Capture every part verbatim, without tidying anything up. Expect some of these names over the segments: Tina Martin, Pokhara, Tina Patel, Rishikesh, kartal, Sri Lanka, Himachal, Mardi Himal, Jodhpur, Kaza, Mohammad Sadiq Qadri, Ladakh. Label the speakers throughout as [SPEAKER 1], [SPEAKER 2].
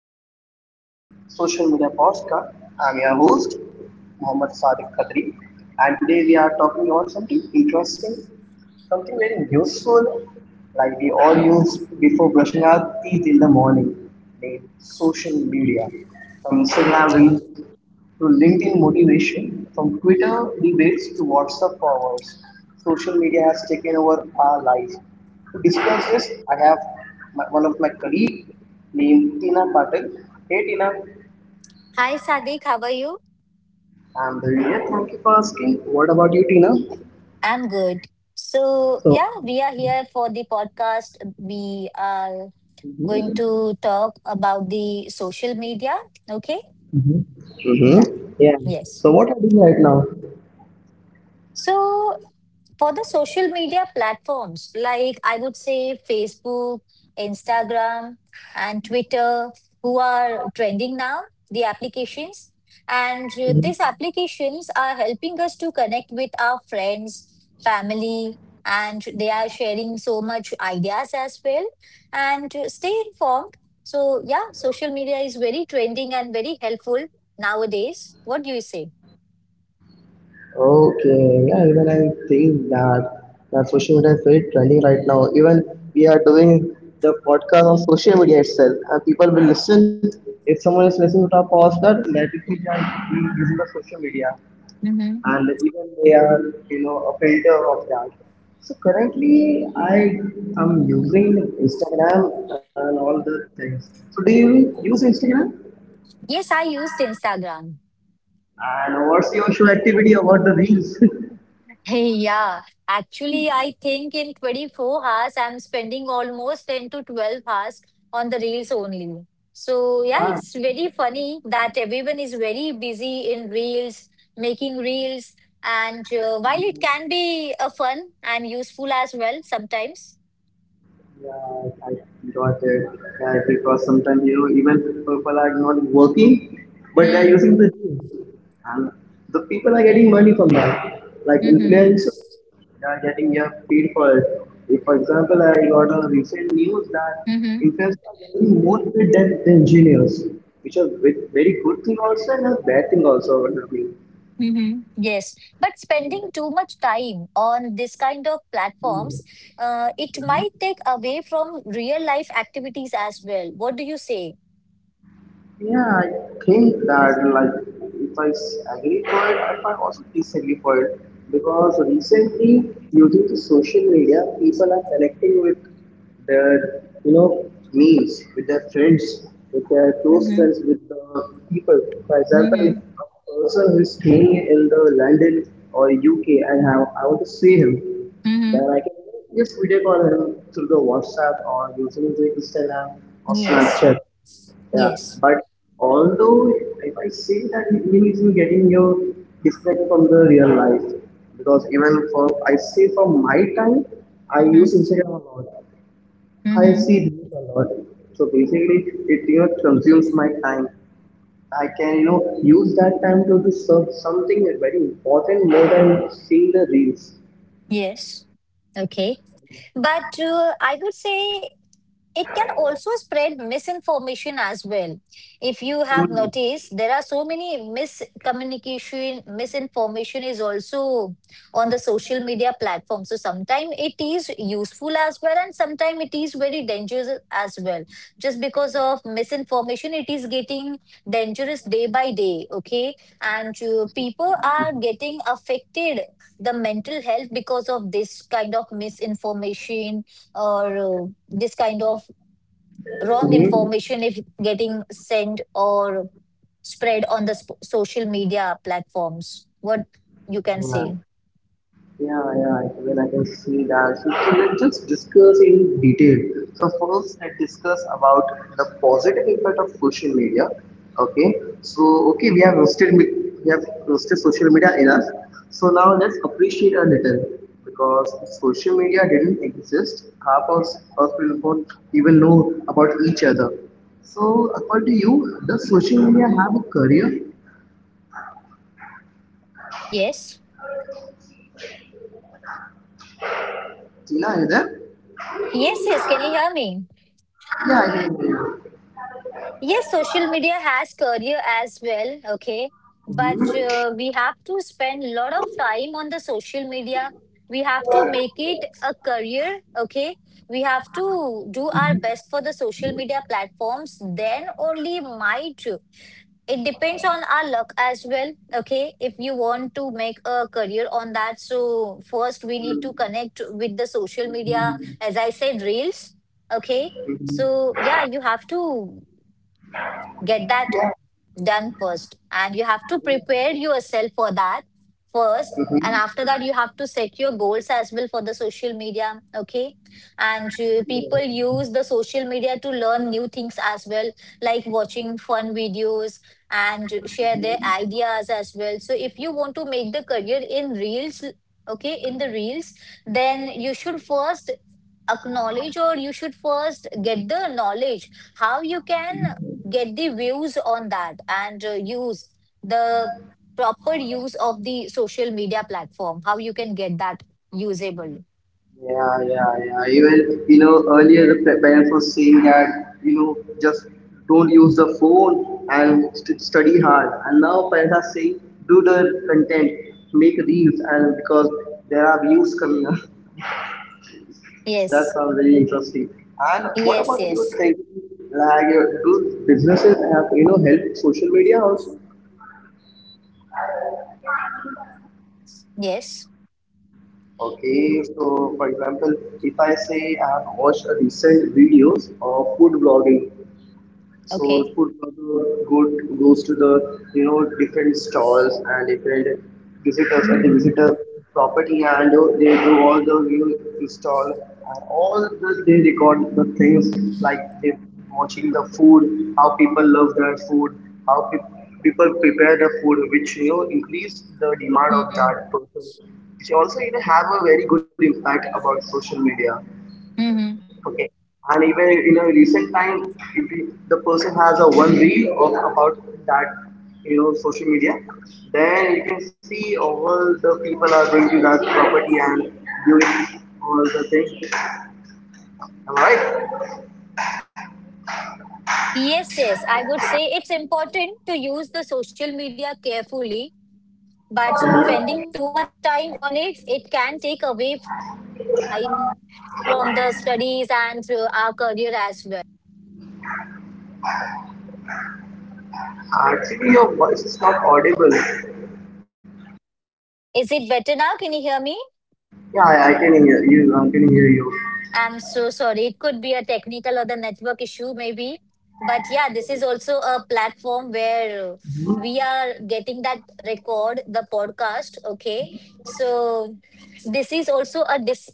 [SPEAKER 1] Welcome to the social media podcast. I'm your host, Mohammad Sadiq Qadri, and today we are talking about something interesting, something very useful, like we all use before brushing our teeth in the morning, named social media. From Instagram reels to LinkedIn motivation, from Twitter debates to WhatsApp forwards, social media has taken over our lives. To discuss this, I have my, one of my colleague named Tina Patel. Hey Tina,
[SPEAKER 2] Hi, Sadiq. How are you?
[SPEAKER 1] I'm very good. Thank you for asking. What about you, Tina?
[SPEAKER 2] I'm good. So,
[SPEAKER 1] So,
[SPEAKER 2] yeah, we are here for the podcast. We are going
[SPEAKER 1] hmm
[SPEAKER 2] to talk about the social media. Okay.
[SPEAKER 1] hmm
[SPEAKER 2] Yeah.
[SPEAKER 1] yeah.
[SPEAKER 2] Yes.
[SPEAKER 1] So what are you doing right now?
[SPEAKER 2] So, for the social media platforms like I would say Facebook, Instagram, and Twitter, who are trending now, the applications. And uh, these applications are helping us to connect with our friends, family, and they are sharing so much ideas as well and uh, stay informed. So, yeah, social media is very trending and very helpful nowadays. What do you say?
[SPEAKER 1] Okay, yeah, even I think that that social media is very trending right now. Even we are doing the podcast on social media itself, and people will listen. If someone is listening to our podcast, let it be that he is in the social media, and even they are, you know, a filter of that. So currently, I am using Instagram and all the things. So do you use Instagram?
[SPEAKER 2] Yes, I used Instagram.
[SPEAKER 1] And what's your show activity about the reels?
[SPEAKER 2] Hey, yeah. Actually, I think in twenty-four hours, I'm spending almost ten to twelve hours on the reels only. So, yeah,
[SPEAKER 1] Ah.
[SPEAKER 2] it's very funny that everyone is very busy in reels, making reels. And uh, while it can be uh, fun and useful as well sometimes.
[SPEAKER 1] Yeah, I got it. Yeah, because sometimes you know even people are not working, but they are
[SPEAKER 2] Mm-hmm.
[SPEAKER 1] using the gym, and the people are getting money from that. Like influencers, they are getting yeah paid for it. If, for example, I got a recent news that
[SPEAKER 2] Mm-hmm.
[SPEAKER 1] influencers are getting more paid than the engineers, which are ve- very good thing also and a bad thing also, I would think.
[SPEAKER 2] Mm-hmm. Yes, but spending too much time on this kind of platforms, uh, it might take away from real life activities as well. What do you say?
[SPEAKER 1] Yeah, I think that like if I s- agree for it, if I also disagree for it, because recently using the social media, people are connecting with their you know memes, with their friends, with their close
[SPEAKER 2] Mm-hmm.
[SPEAKER 1] friends, with the people. For example, if
[SPEAKER 2] Mm-hmm.
[SPEAKER 1] a person who is staying in the London or U K and I, I want to see him,
[SPEAKER 2] Mm-hmm.
[SPEAKER 1] then I can just video call him through the WhatsApp or using the Instagram or
[SPEAKER 2] Yes.
[SPEAKER 1] Snapchat. Yeah,
[SPEAKER 2] Yes.
[SPEAKER 1] but although if I say that it means you're getting your disconnect from the real life, because even for I say from my time I
[SPEAKER 2] Mm-hmm.
[SPEAKER 1] use Instagram a lot. I
[SPEAKER 2] Mm-hmm.
[SPEAKER 1] see news a lot. So basically it you know consumes my time. I can you know use that time to do serve something very important more than seeing the reels.
[SPEAKER 2] Yes. Okay. But uh, I would say it can also spread misinformation as well. If you have noticed, there are so many miscommunication, misinformation is also on the social media platform. So sometimes it is useful as well, and sometimes it is very dangerous as well. Just because of misinformation, it is getting dangerous day by day. Okay, and uh, people are getting affected the mental health because of this kind of misinformation or uh, this kind of wrong
[SPEAKER 1] Mm-hmm.
[SPEAKER 2] information if getting sent or spread on the sp- social media platforms, what you can
[SPEAKER 1] Yeah.
[SPEAKER 2] say?
[SPEAKER 1] Yeah, yeah, I mean, I can see that. So, so let's just discuss in detail. So first, let's discuss about the positive impact of social media. Okay, so okay, we have roasted, me- we have roasted social media in us. So now let's appreciate a little, because if social media didn't exist, half of us us will not even know about each other. So according to you, does social media have a career?
[SPEAKER 2] Yes.
[SPEAKER 1] Tina, are you there?
[SPEAKER 2] Yes, yes, can you hear me?
[SPEAKER 1] Yeah, I can hear you.
[SPEAKER 2] Yes, social media has career as well. Okay, but uh, we have to spend a lot of time on the social media. We have to make it a career. Okay, we have to do our best for the social media platforms, then only might it depends on our luck as well. Okay, if you want to make a career on that, so first we need to connect with the social media. As I said, reels. Okay, so yeah, you have to get that
[SPEAKER 1] Yeah.
[SPEAKER 2] done first, and you have to prepare yourself for that first, and
[SPEAKER 1] Mm-hmm.
[SPEAKER 2] after that you have to set your goals as well for the social media. Okay, and uh, people use the social media to learn new things as well, like watching fun videos and share their ideas as well. So if you want to make the career in reels, okay, in the reels, then you should first acknowledge or you should first get the knowledge how you can get the views on that, and uh, use the proper use of the social media platform, how you can get that usable.
[SPEAKER 1] Yeah, yeah, yeah. Even, you know, earlier the pa- parents were saying that, you know, just don't use the phone and st- study hard. And now parents are saying, do the content, make reels, and because there are views coming up. That
[SPEAKER 2] Yes,
[SPEAKER 1] sounds very interesting. And what
[SPEAKER 2] yes,
[SPEAKER 1] about you
[SPEAKER 2] yes,
[SPEAKER 1] think? Like, uh, do businesses have, you know, help social media also?
[SPEAKER 2] yes.
[SPEAKER 1] Okay, so for example, if I say I have watched a recent videos of food blogging. So
[SPEAKER 2] Okay.
[SPEAKER 1] food also good goes to the you know different stalls and different visitors, and
[SPEAKER 2] mm.
[SPEAKER 1] they visit a property, and they do all the view install and all the, they record the things like they watching the food, how people love their food, how pe- people prepare the food, which you know increase the demand of
[SPEAKER 2] Mm-hmm.
[SPEAKER 1] that person. Which also you know have a very good impact about social media.
[SPEAKER 2] Mm-hmm.
[SPEAKER 1] Okay. And even in a recent time, if you- the person has a one reel of about that, you know, social media, then you can see all the people are going to that property and doing all the things. Am I right?
[SPEAKER 2] Yes, yes, I would say it's important to use the social media carefully, but spending too much time on it, it can take away from the time, from the studies and through our career as well.
[SPEAKER 1] Actually, your voice is not audible.
[SPEAKER 2] Is it better now? Can you hear me?
[SPEAKER 1] Yeah, I I can hear you. I can hear
[SPEAKER 2] I'm so sorry. It could be a technical or the network issue, maybe. But yeah, this is also a platform where uh, we are getting that record, the podcast. Okay. So this is also a dis,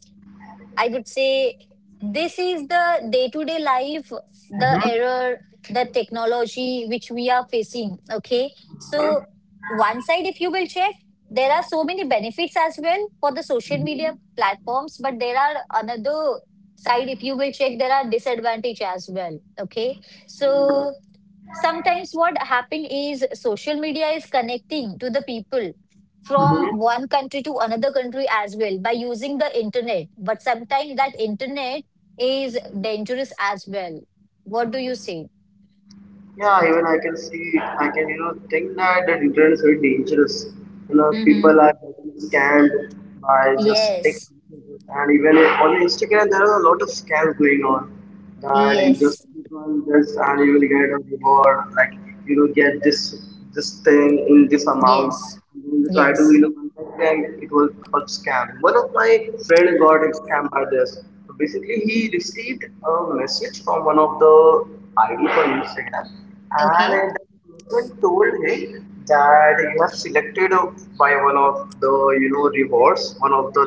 [SPEAKER 2] I would say this is the day to day life, the error, the technology which we are facing. Okay. So, one side, if you will check, there are so many benefits as well for the social media platforms, but there are another side, if you will check, there are disadvantage as well. Okay. So,
[SPEAKER 1] you.
[SPEAKER 2] sometimes what happened is social media is connecting to the people from one country to another country as well by using the internet, but sometimes that internet is dangerous as well. What do you say?
[SPEAKER 1] Yeah, even I can see, I can, you know, think that the internet is very dangerous. You know,
[SPEAKER 2] Mm-hmm.
[SPEAKER 1] people are getting scammed by just text
[SPEAKER 2] Yes,
[SPEAKER 1] messages. And even if- on Instagram, there are a lot of scams going on. That you just
[SPEAKER 2] yes,
[SPEAKER 1] click on this and you will get a reward, like you will get this this thing in this amount.
[SPEAKER 2] yes,
[SPEAKER 1] They am to try to you
[SPEAKER 2] yes.
[SPEAKER 1] know contact, and it was called scam. One of my friend got scammed by this. So basically, he received a message from one of the I D for Instagram, and
[SPEAKER 2] Okay,
[SPEAKER 1] then person told him that you have selected uh, by one of the you know rewards, one of the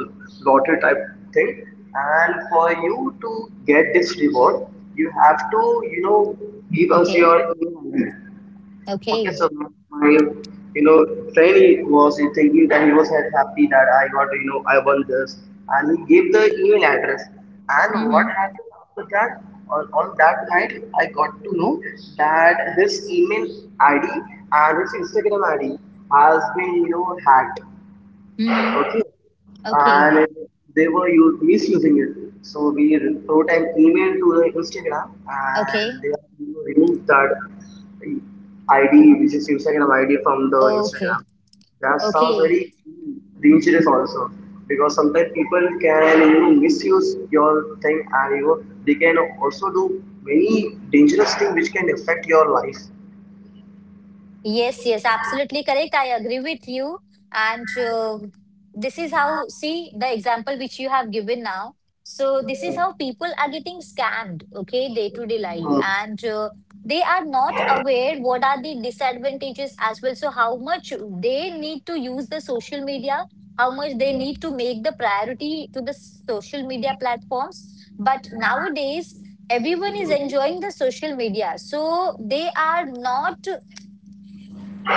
[SPEAKER 1] lottery type thing, and for you to get this reward, you have to you know give us
[SPEAKER 2] okay,
[SPEAKER 1] your email I D. Okay,
[SPEAKER 2] okay.
[SPEAKER 1] so my, you know, trainee was thinking that he was so happy that I got, you know, I won this, and he gave the email address. And what
[SPEAKER 2] Mm-hmm.
[SPEAKER 1] happened after that? On, on that night, I got to know that his email I D and his Instagram I D has been, you know, hacked.
[SPEAKER 2] Mm-hmm.
[SPEAKER 1] Okay,
[SPEAKER 2] Okay,
[SPEAKER 1] and they were u- misusing it. So we wrote an email to the Instagram, and
[SPEAKER 2] okay,
[SPEAKER 1] they have removed that I D, which is Instagram I D, from the
[SPEAKER 2] okay,
[SPEAKER 1] Instagram. That sounds
[SPEAKER 2] okay.
[SPEAKER 1] very dangerous also, because sometimes people can you know misuse your thing, and you know they can also do many dangerous things which can affect your life.
[SPEAKER 2] Yes, yes, absolutely correct. I agree with you. And uh, this is how, see, the example which you have given now. So, this is how people are getting scammed, okay, day to day life.
[SPEAKER 1] Mm.
[SPEAKER 2] And uh, They are not aware what are the disadvantages as well. So, how much they need to use the social media, how much they need to make the priority to the social media platforms. But nowadays, everyone is enjoying the social media. So, they are not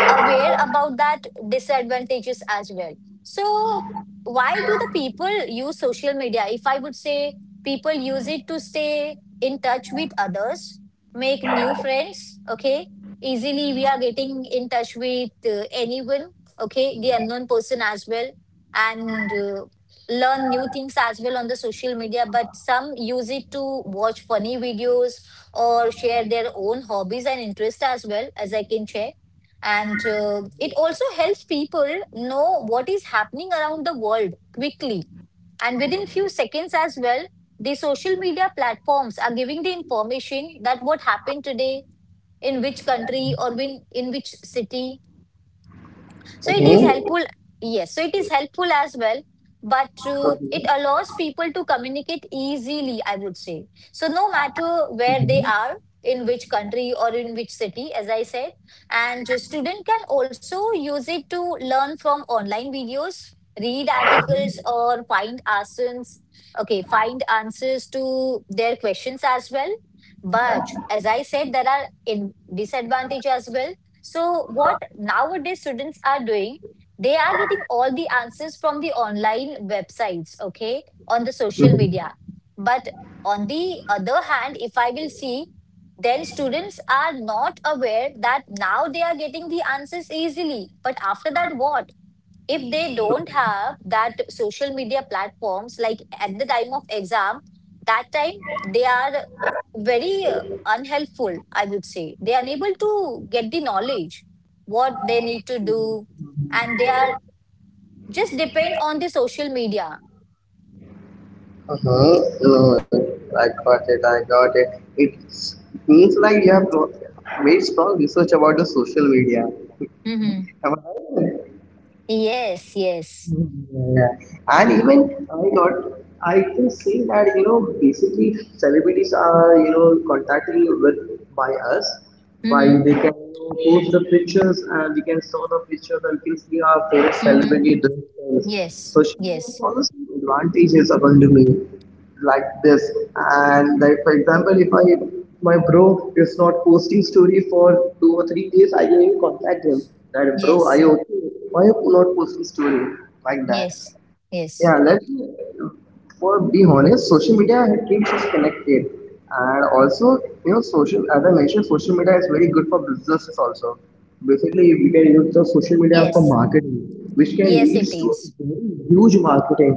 [SPEAKER 2] aware about that disadvantages as well. So why do the people use social media? If I would say, people use it to stay in touch with others, make new friends, okay? Easily we are getting in touch with uh, anyone, okay? The unknown person as well, and uh, learn new things as well on the social media, but some use it to watch funny videos or share their own hobbies and interests as well as I can share, and uh, it also helps people know what is happening around the world quickly and within few seconds as well. The social media platforms are giving the information that what happened today, in which country or in, in which city, so it is helpful. Yes, so it is helpful as well, but uh, it allows people to communicate easily, I would say. So no matter where they are, in which country or in which city, as I said. And a student can also use it to learn from online videos, read articles, or find answers, okay, find answers to their questions as well. But as I said, there are in disadvantage as well. So, what nowadays students are doing, they are getting all the answers from the online websites, okay, on the social
[SPEAKER 1] Mhm.
[SPEAKER 2] media. But on the other hand, if I will see, then students are not aware that now they are getting the answers easily. But after that, what? If they don't have that social media platforms, like at the time of exam, that time they are very uh, unhelpful, I would say. They are unable to get the knowledge what they need to do, and they are just depend on the social media.
[SPEAKER 1] Mhm. No, I got it. I got it. It seems like you have pro- made strong research about the social media.
[SPEAKER 2] Mm-hmm.
[SPEAKER 1] Am I right?
[SPEAKER 2] Yes, yes.
[SPEAKER 1] Yeah. And even I got, I can say that, you know, basically celebrities are, you know, contacting with by us, by
[SPEAKER 2] Mm-hmm.
[SPEAKER 1] they can, you know, post the pictures and we can saw the pictures and we can see our favorite
[SPEAKER 2] Mm-hmm.
[SPEAKER 1] celebrity doing things.
[SPEAKER 2] Yes.
[SPEAKER 1] Social media has
[SPEAKER 2] Yes.
[SPEAKER 1] also some advantages according to me, like this. And like for example, if I my bro is not posting story for two or three days, I can even contact him. That bro, are
[SPEAKER 2] Yes.
[SPEAKER 1] you okay? Why you not post the story like that?
[SPEAKER 2] Yes. Yes,
[SPEAKER 1] Yeah, let for be honest, social media keeps us connected, and also you know social. As I mentioned, social media is very good for businesses also. Basically, we can use the social media for
[SPEAKER 2] yes.
[SPEAKER 1] marketing, which can
[SPEAKER 2] yes.
[SPEAKER 1] lead
[SPEAKER 2] It
[SPEAKER 1] to
[SPEAKER 2] is.
[SPEAKER 1] very huge marketing.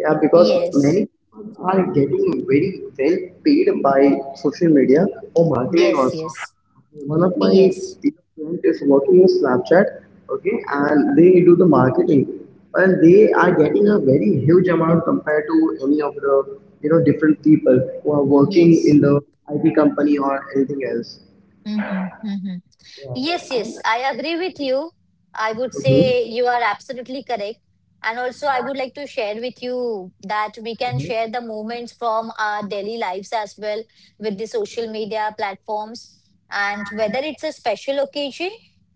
[SPEAKER 1] Yeah, because
[SPEAKER 2] Yes,
[SPEAKER 1] many people are getting very well paid by social media or marketing
[SPEAKER 2] yes,
[SPEAKER 1] also.
[SPEAKER 2] yes,
[SPEAKER 1] Okay, one of my
[SPEAKER 2] yes.
[SPEAKER 1] dear friend is working in Snapchat, okay, and they do the marketing, and they are getting a very huge amount compared to any of the you know different people who are working
[SPEAKER 2] Yes.
[SPEAKER 1] in the I T company or anything else.
[SPEAKER 2] Mm-hmm. Mm-hmm.
[SPEAKER 1] Yeah.
[SPEAKER 2] Yes, yes, I agree with you. I would say you are absolutely correct. And also, I would like to share with you that we can share the moments from our daily lives as well with the social media platforms. And whether it's a special occasion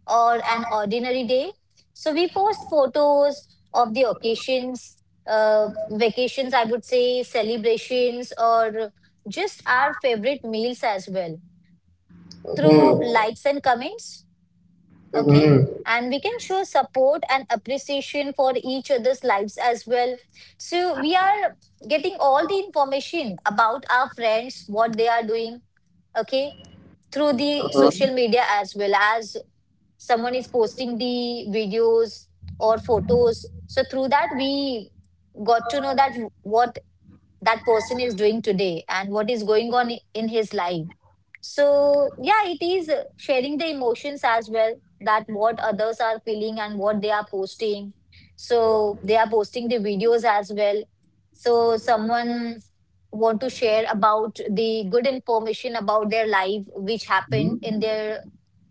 [SPEAKER 2] or an ordinary day, so we post photos of the occasions, uh, vacations, I would say, celebrations, or just our favorite meals as well through
[SPEAKER 1] Mm-hmm.
[SPEAKER 2] likes and comments. Okay,
[SPEAKER 1] Mm-hmm.
[SPEAKER 2] and we can show support and appreciation for each other's lives as well. So we are getting all the information about our friends, what they are doing, okay, through the social media. As well as someone is posting the videos or photos, so through that we got to know that what that person is doing today and what is going on in his life. So, yeah, it is uh, sharing the emotions as well, that what others are feeling and what they are posting. So, they are posting the videos as well. So, someone want to share about the good information about their life which happened in their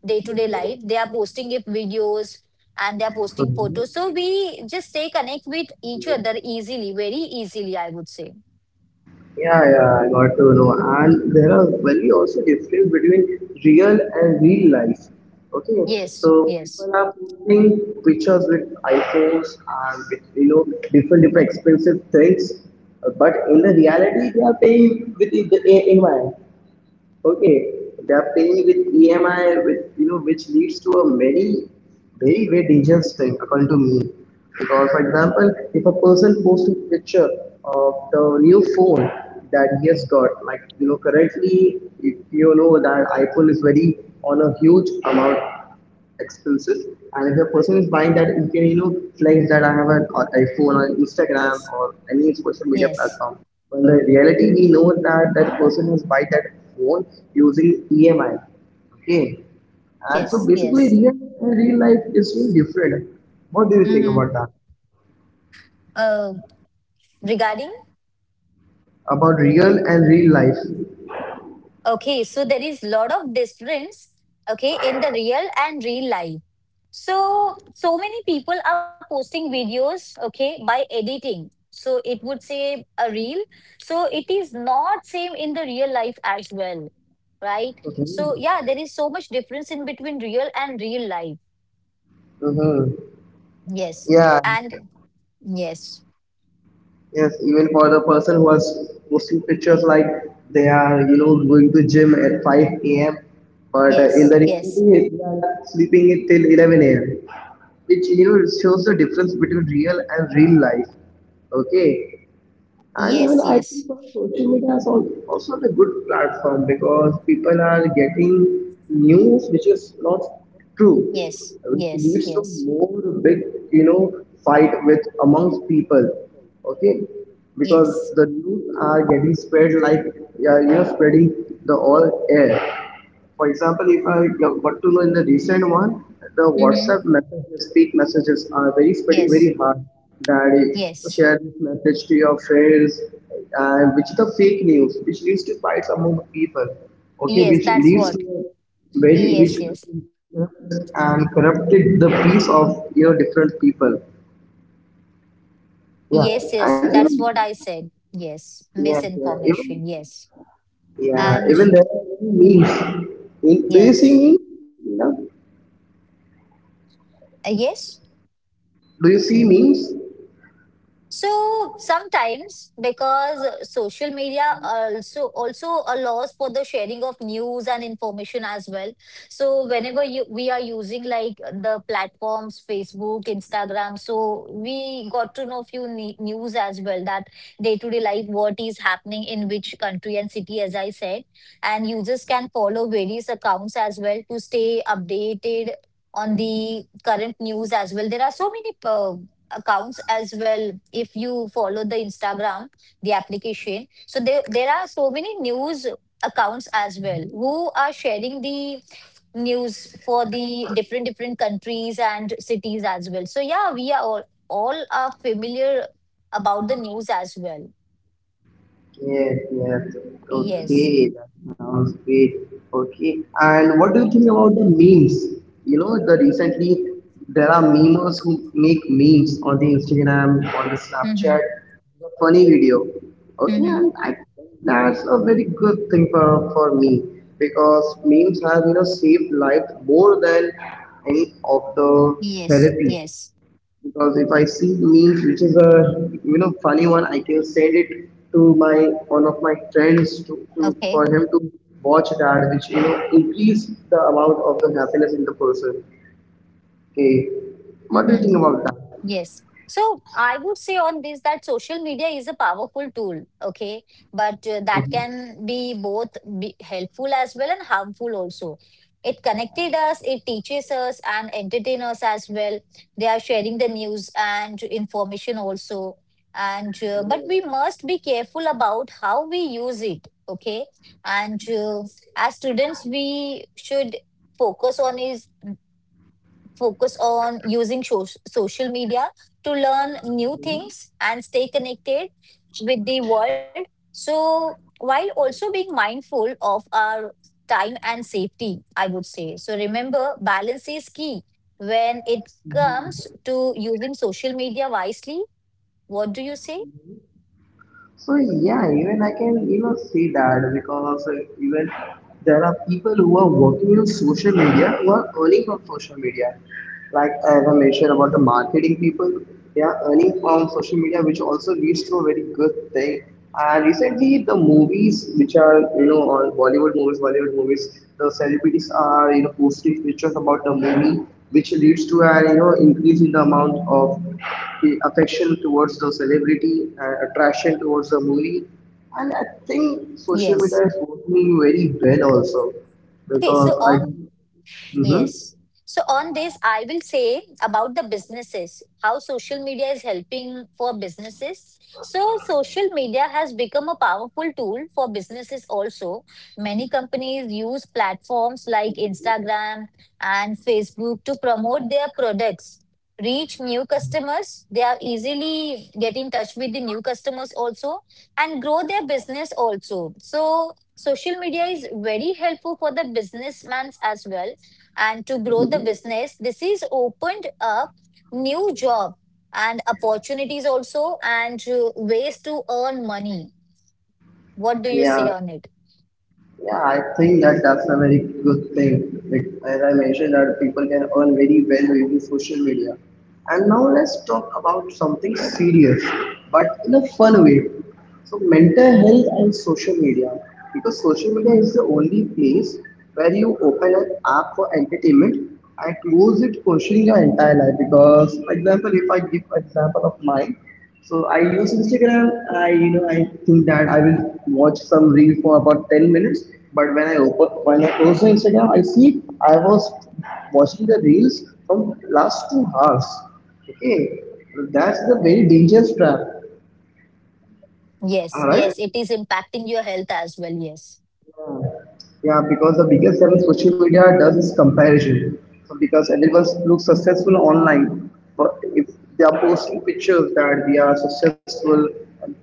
[SPEAKER 2] day-to-day life. They are posting it videos and they are posting
[SPEAKER 1] Mm-hmm.
[SPEAKER 2] photos. So, we just stay connect with each other easily, very easily, I would say.
[SPEAKER 1] Yeah, yeah, I got to know. And there are very also difference between real and real life. Okay,
[SPEAKER 2] Yes,
[SPEAKER 1] so
[SPEAKER 2] yes,
[SPEAKER 1] people are posting pictures with iPhones and with you know different different expensive things. Uh, but in the reality they are paying with the A I. Okay, they are paying with E M I, with, you know, which leads to a very, very, very dangerous thing, according to me. Because, for example, if a person posts a picture of the new phone that he has got, like, you know, currently, if you know that iPhone is very on a huge amount, expenses, and if a person is buying that, you can you know flex that I have an uh, iPhone or
[SPEAKER 2] yes,
[SPEAKER 1] Instagram or any
[SPEAKER 2] yes,
[SPEAKER 1] social media platform, but the reality we know that that person has buy that phone using EMI. Okay, and so
[SPEAKER 2] yes,
[SPEAKER 1] basically
[SPEAKER 2] yes.
[SPEAKER 1] real and real life is really different. What do you think
[SPEAKER 2] Mm-hmm.
[SPEAKER 1] about that?
[SPEAKER 2] Uh, Regarding,
[SPEAKER 1] About real and real life?
[SPEAKER 2] okay, so there is lot of difference, okay, in the real and real life. So so many people are posting videos, okay, by editing. So it would say a reel. So it is not same in the real life as well, right?
[SPEAKER 1] Okay.
[SPEAKER 2] So yeah, there is so much difference in between real and real life.
[SPEAKER 1] Hmm hmm,
[SPEAKER 2] Yes,
[SPEAKER 1] yeah.
[SPEAKER 2] and yes,
[SPEAKER 1] Yes, even for the person who was posting pictures like they are, you know, going to gym at five a m. But uh, in
[SPEAKER 2] yes,
[SPEAKER 1] the
[SPEAKER 2] yes.
[SPEAKER 1] reality, they are sleeping it till eleven a m, which you know shows the difference between real and real life. Okay,
[SPEAKER 2] Y-
[SPEAKER 1] and even
[SPEAKER 2] yes,
[SPEAKER 1] I think
[SPEAKER 2] yes,
[SPEAKER 1] for social media is al- also a good platform, because people are getting news which is not true,
[SPEAKER 2] yes,
[SPEAKER 1] which
[SPEAKER 2] yes,
[SPEAKER 1] leads to
[SPEAKER 2] yes,
[SPEAKER 1] more big, you know, fight with amongst people. Okay, because
[SPEAKER 2] yes.
[SPEAKER 1] the news are getting spread like yeah, you know, spreading the all air. For example, if I want to know in the recent one, the
[SPEAKER 2] Mm-hmm.
[SPEAKER 1] WhatsApp messages, speak messages are very spreading
[SPEAKER 2] Yes,
[SPEAKER 1] very hard that it
[SPEAKER 2] yes,
[SPEAKER 1] share this message to your friends, and which is the fake news, which leads to fights among people, okay,
[SPEAKER 2] yes,
[SPEAKER 1] which
[SPEAKER 2] that's
[SPEAKER 1] leads
[SPEAKER 2] what.
[SPEAKER 1] to very which
[SPEAKER 2] Yes, yes,
[SPEAKER 1] and corrupted the peace of you know different people. Yeah,
[SPEAKER 2] yes,
[SPEAKER 1] and
[SPEAKER 2] yes, that's
[SPEAKER 1] even
[SPEAKER 2] what I said. Yes,
[SPEAKER 1] yes, yes, even
[SPEAKER 2] misinformation. Yes,
[SPEAKER 1] yeah,
[SPEAKER 2] and
[SPEAKER 1] even there are memes. In- Do you see
[SPEAKER 2] yes.
[SPEAKER 1] memes? No.
[SPEAKER 2] Uh, yes.
[SPEAKER 1] Do you see memes?
[SPEAKER 2] So sometimes because uh, social media also also allows for the sharing of news and information as well. So whenever you we are using like the platforms Facebook, Instagram, so we got to know few ne- news as well, that day to day life what is happening in which country and city, as I said, and users can follow various accounts as well to stay updated on the current news as well. There are so many uh, accounts as well. If you follow the Instagram, the application, so there, there are so many news accounts as well who are sharing the news for the different different countries and cities as well. So yeah, we are all all are familiar about the news as well.
[SPEAKER 1] Yes, yes.
[SPEAKER 2] Yes.
[SPEAKER 1] Okay, that sounds great. Okay, and what do you think about the memes? You know, the recently there are memers who make memes on the Instagram, on the
[SPEAKER 2] Mm-hmm.
[SPEAKER 1] Snapchat, the funny video. Okay,
[SPEAKER 2] Mm-hmm.
[SPEAKER 1] and I think that's a very good thing for for me because memes have you know saved lives more than any of the
[SPEAKER 2] Yes,
[SPEAKER 1] therapy
[SPEAKER 2] yes.
[SPEAKER 1] because if I see memes which is a you know funny one, I can send it to my one of my friends to, to for
[SPEAKER 2] Okay.
[SPEAKER 1] him to watch that, which you know increase the amount of the happiness in the person. Okay, what do you
[SPEAKER 2] Mm-hmm.
[SPEAKER 1] think about that?
[SPEAKER 2] Yes. So I would say on this that social media is a powerful tool, okay, but uh, that can be both be helpful as well and harmful also. It connected us, it teaches us and entertain us as well. They are sharing the news and information also, and uh, but we must be careful about how we use it, okay. And uh, as students, we should focus on is focus on using sho- social media to learn new things and stay connected with the world. So, while also being mindful of our time and safety, I would say. So, remember, balance is key when it comes to using social media wisely. What do you say?
[SPEAKER 1] So yeah, even I can you know see that because uh, even there are people who are working on social media who are earning from social media. Like as I mentioned about the marketing people, they are earning from social media, which also leads to a very good thing. And recently, the movies which are you know on Bollywood movies, Bollywood movies, the celebrities are you know posting pictures about the movie, which leads to an you know increase in the amount of the affection towards the celebrity, uh, attraction towards the movie, and I think social
[SPEAKER 2] Yes.
[SPEAKER 1] media is working me very well also
[SPEAKER 2] Okay,
[SPEAKER 1] because
[SPEAKER 2] so
[SPEAKER 1] I.
[SPEAKER 2] on.
[SPEAKER 1] hmm
[SPEAKER 2] Yes. So on this, I will say about the businesses, how social media is helping for businesses. So social media has become a powerful tool for businesses also. Many companies use platforms like Instagram and Facebook to promote their products, reach new customers. They are easily get in touch with the new customers also and grow their business also. So social media is very helpful for the businessmen as well, and to grow the
[SPEAKER 1] hmm
[SPEAKER 2] business, this is opened up new job and opportunities also, and uh, ways to earn money. What do you
[SPEAKER 1] Yeah,
[SPEAKER 2] say on it?
[SPEAKER 1] yeah, I think that that's a very good thing. Like, as I mentioned, that people can earn very well using social media. And now let's talk about something serious, but in a fun way. So mental health and social media, because social media is the only place where you open an app for entertainment and close it questioning your entire life. Because, for example, if I give example of mine, so I use Instagram. I you know I think that I will watch some reel for about ten minutes. But when I open when I close the Instagram, I see I was watching the reels from last two hours. Okay, that's the very dangerous trap. All
[SPEAKER 2] Yes,
[SPEAKER 1] right.
[SPEAKER 2] yes, it is impacting your health as well. Yes,
[SPEAKER 1] Yeah, Yeah, because the biggest challenge social media does is comparison. So because everyone looks successful online, but if they are posting pictures that we are successful,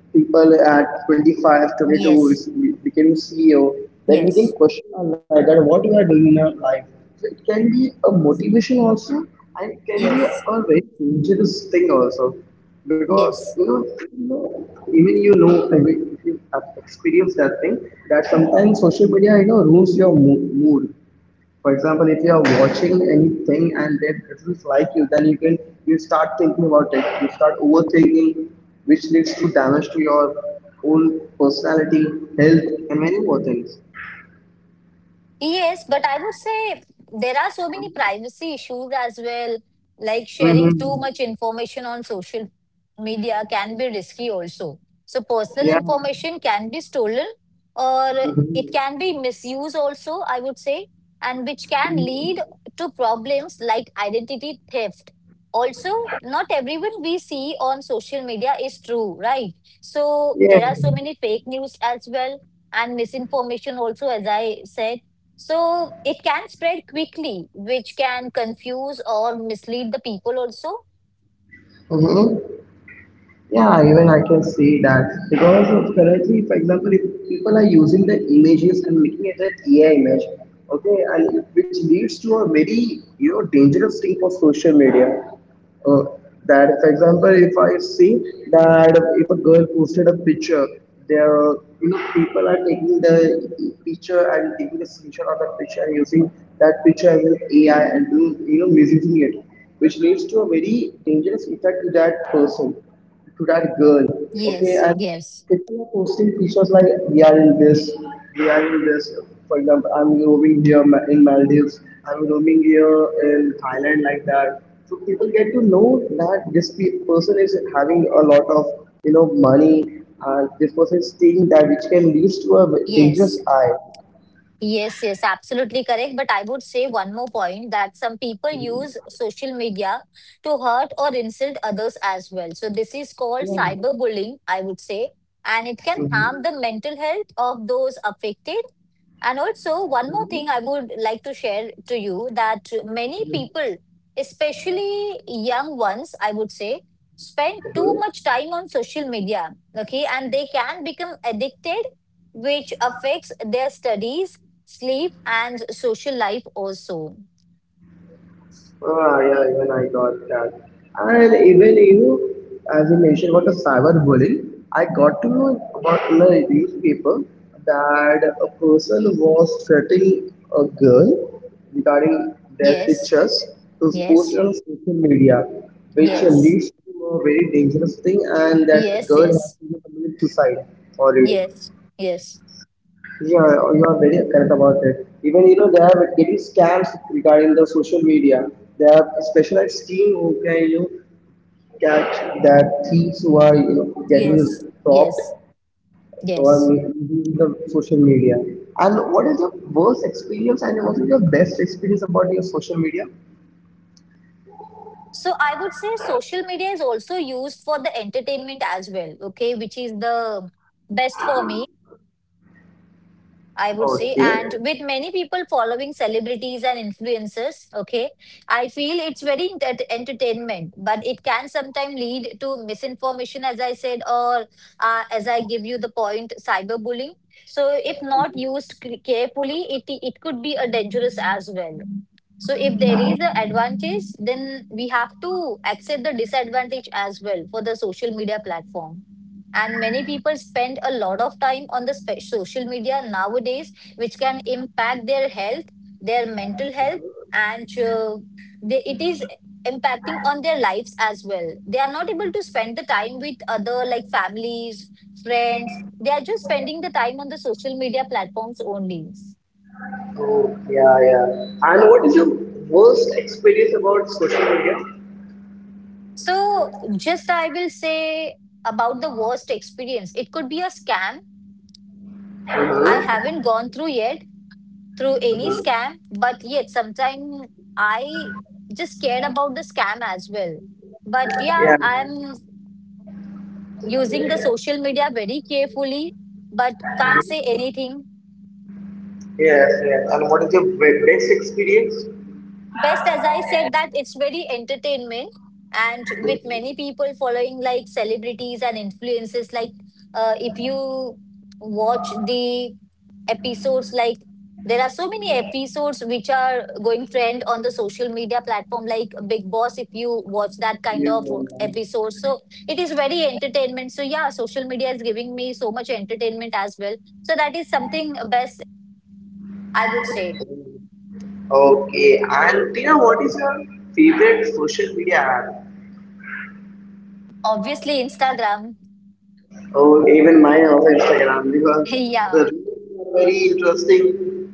[SPEAKER 1] people at twenty five, twenty two is
[SPEAKER 2] yes,
[SPEAKER 1] becoming C E O, then we can
[SPEAKER 2] yes,
[SPEAKER 1] question our life that what you are doing in your life. So it can be a motivation also, and it can be
[SPEAKER 2] yes,
[SPEAKER 1] a very dangerous thing also because
[SPEAKER 2] yes.
[SPEAKER 1] you know you know, even you know i mean if you have experienced that thing that sometimes social media you know ruins your mo- mood. For example, if you are watching anything and it doesn't like you, then you can you start thinking about it, you start overthinking, which leads to damage to your own personality, health, and many more things.
[SPEAKER 2] Yes, but I would say there are so many privacy issues as well. Like sharing too
[SPEAKER 1] Mm-hmm.
[SPEAKER 2] much information on social media can be risky also. So personal
[SPEAKER 1] Yeah,
[SPEAKER 2] information can be stolen, or it can be misused also, I would say, and which can lead to problems like identity theft. Also, not everyone we see on social media is true, right? So
[SPEAKER 1] yeah.
[SPEAKER 2] there are so many fake news as well and misinformation also, as I said, so it can spread quickly, which can confuse or mislead the people also.
[SPEAKER 1] Hmm. Yeah, even I can see that because of currently, for example, if people are using the images and making it an A I image, okay, and which leads to a very you know dangerous thing for social media. Uh, that, for example, if I see that if a girl posted a picture, there you know people are taking the picture and taking the screenshot of that picture and using that picture as an A I and doing you know misusing it, which leads to a very dangerous effect to that person to that girl, okay?
[SPEAKER 2] Yes,
[SPEAKER 1] And
[SPEAKER 2] yes,
[SPEAKER 1] people are posting pictures like we are in this, we are in this. For example, I'm roaming here Ma- in Maldives, I'm roaming here in Thailand, like that. So people get to know that this pe- person is having a lot of you know money, and this person is taking that, which can lead to a dangerous
[SPEAKER 2] yes.
[SPEAKER 1] eye.
[SPEAKER 2] Yes, yes, absolutely correct. But I would say one more point that some people use social media to hurt or insult others as well. So this is called
[SPEAKER 1] Yeah.
[SPEAKER 2] cyberbullying, I would say, and it can
[SPEAKER 1] Mm-hmm.
[SPEAKER 2] harm the mental health of those affected. And also, one more thing I would like to share to you that many people, especially young ones, I would say, spend too much time on social media. Okay. And they can become addicted, which affects their studies, sleep, and social life also.
[SPEAKER 1] Ah, yeah, even I got that. And even you, as you mentioned about the cyberbullying, I got to know about in the newspaper that a person was threatening a girl regarding their
[SPEAKER 2] Yes.
[SPEAKER 1] pictures to post it
[SPEAKER 2] Yes.
[SPEAKER 1] on social media, which
[SPEAKER 2] Yes.
[SPEAKER 1] leads to a very dangerous thing, and that
[SPEAKER 2] Yes.
[SPEAKER 1] girl has
[SPEAKER 2] Yes.
[SPEAKER 1] to commit suicide for it.
[SPEAKER 2] Yes. Yes.
[SPEAKER 1] Yeah, you are very correct about it. Even you know they are getting scams regarding the social media. They have a specialized team who can you know, catch that thieves who are you know getting
[SPEAKER 2] Yes.
[SPEAKER 1] robbed
[SPEAKER 2] Yes.
[SPEAKER 1] or
[SPEAKER 2] Yes.
[SPEAKER 1] using the social media. And what is your worst experience and what is your best experience about your social media?
[SPEAKER 2] So I would say social media is also used for the entertainment as well, okay, which is the best for me, I would say.
[SPEAKER 1] Okay.
[SPEAKER 2] And with many people following celebrities and influencers, okay, I feel it's very ent- entertainment, but it can sometimes lead to misinformation, as I said, or uh, as I give you the point, cyberbullying. So if not used c- carefully, it it could be a dangerous as well. So if there is the advantage, then we have to accept the disadvantage as well for the social media platform. And many people spend a lot of time on the spe- social media nowadays, which can impact their health, their mental health, and uh, they, it is impacting on their lives as well. They are not able to spend the time with other like families, friends. They are just spending the time on the social media platforms only.
[SPEAKER 1] Oh, yeah, yeah. And what is your worst experience about social media?
[SPEAKER 2] So, just I will say about the worst experience. It could be a scam. I haven't gone through yet through any scam, but yet sometimes I just cared about the scam as well. But yeah,
[SPEAKER 1] Yeah.
[SPEAKER 2] I'm using the social media very carefully, but can't say anything.
[SPEAKER 1] Yes, yes. And what is your best experience?
[SPEAKER 2] Best, as I said, that it's very entertainment and with many people following like celebrities and influences like uh, if you watch the episodes, like there are so many episodes which are going trend on the social media platform like Big Boss. If you watch that kind
[SPEAKER 1] Yeah.
[SPEAKER 2] of episode, so it is very entertainment. So yeah, social media is giving me so much entertainment as well, so that is something best, I would say.
[SPEAKER 1] Okay, and Tina, what is your favorite social media app?
[SPEAKER 2] Obviously Instagram.
[SPEAKER 1] Oh, even mine also Instagram because the
[SPEAKER 2] Yeah.
[SPEAKER 1] reels are very interesting.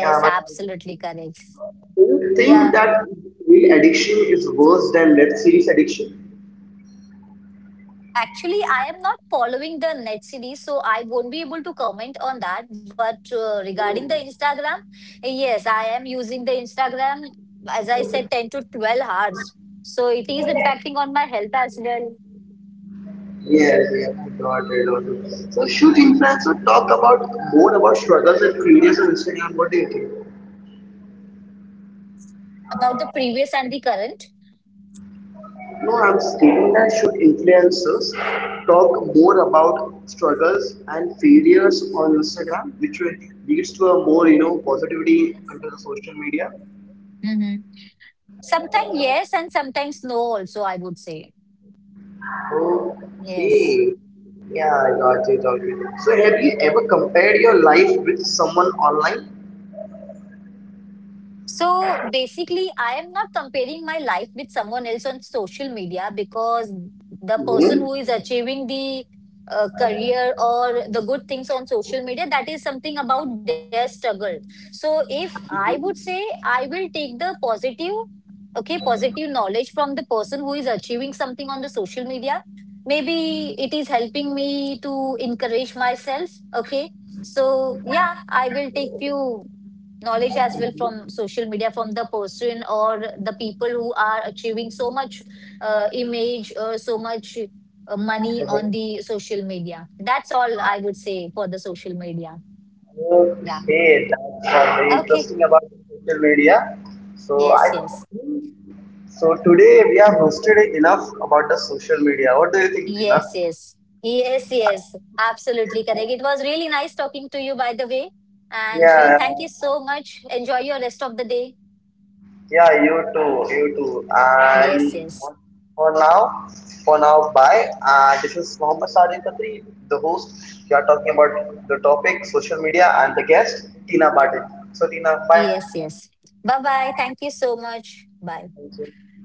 [SPEAKER 1] Yeah, but
[SPEAKER 2] absolutely correct.
[SPEAKER 1] do you think
[SPEAKER 2] Yeah.
[SPEAKER 1] that real addiction is worse than web series addiction?
[SPEAKER 2] Actually, I am not following the net series, so I won't be able to comment on that. But uh, regarding the Instagram, yes, I am using the Instagram, as I said, ten to twelve hours. So it is impacting on my health as well.
[SPEAKER 1] Yes, yes, I got it. Got it. So should influencers talk about more about struggles and failures on Instagram? What do you think?
[SPEAKER 2] About the previous and the current.
[SPEAKER 1] No, I'm stating that should influencers talk more about struggles and failures on Instagram, which will- leads to a more you know positivity under the social media?
[SPEAKER 2] Mm-hmm. Sometimes yes, and sometimes no, also, I would say. Yes.
[SPEAKER 1] Okay, yeah, I got it. Got it. So, have you ever compared your life with someone online?
[SPEAKER 2] So basically, I am not comparing my life with someone else on social media, because the
[SPEAKER 1] Hmm.
[SPEAKER 2] person who is achieving the uh, career or the good things on social media, that is something about their struggle. So if I would say, I will take the positive, okay, positive knowledge from the person who is achieving something on the social media, maybe it is helping me to encourage myself, okay. So yeah, I will take few knowledge as well from social media from the person or the people who are achieving so much uh, image or so much uh, money on the social media. That's all I would say for the social media. Yeah.
[SPEAKER 1] Okay, that's uh, very
[SPEAKER 2] Okay.
[SPEAKER 1] interesting about social media. So I,
[SPEAKER 2] Yes, yes.
[SPEAKER 1] so today we have hosted enough about the social media. What do you think, Rina?
[SPEAKER 2] Yes, yes, yes, yes. Absolutely correct. It was really nice talking to you, by the way, and uh,
[SPEAKER 1] Yeah,
[SPEAKER 2] thank you so much. Enjoy your rest of the day.
[SPEAKER 1] Yeah, you too, you too.
[SPEAKER 2] Yes,
[SPEAKER 1] And
[SPEAKER 2] yes.
[SPEAKER 1] for now, for now, bye. Uh, this is Mohammed Sajid Khatri, the host. We are talking about the topic social media and the guest, Tina Martin. So, Tina, bye.
[SPEAKER 2] Yes, yes. Bye bye, thank you so much, bye.
[SPEAKER 1] Thank you.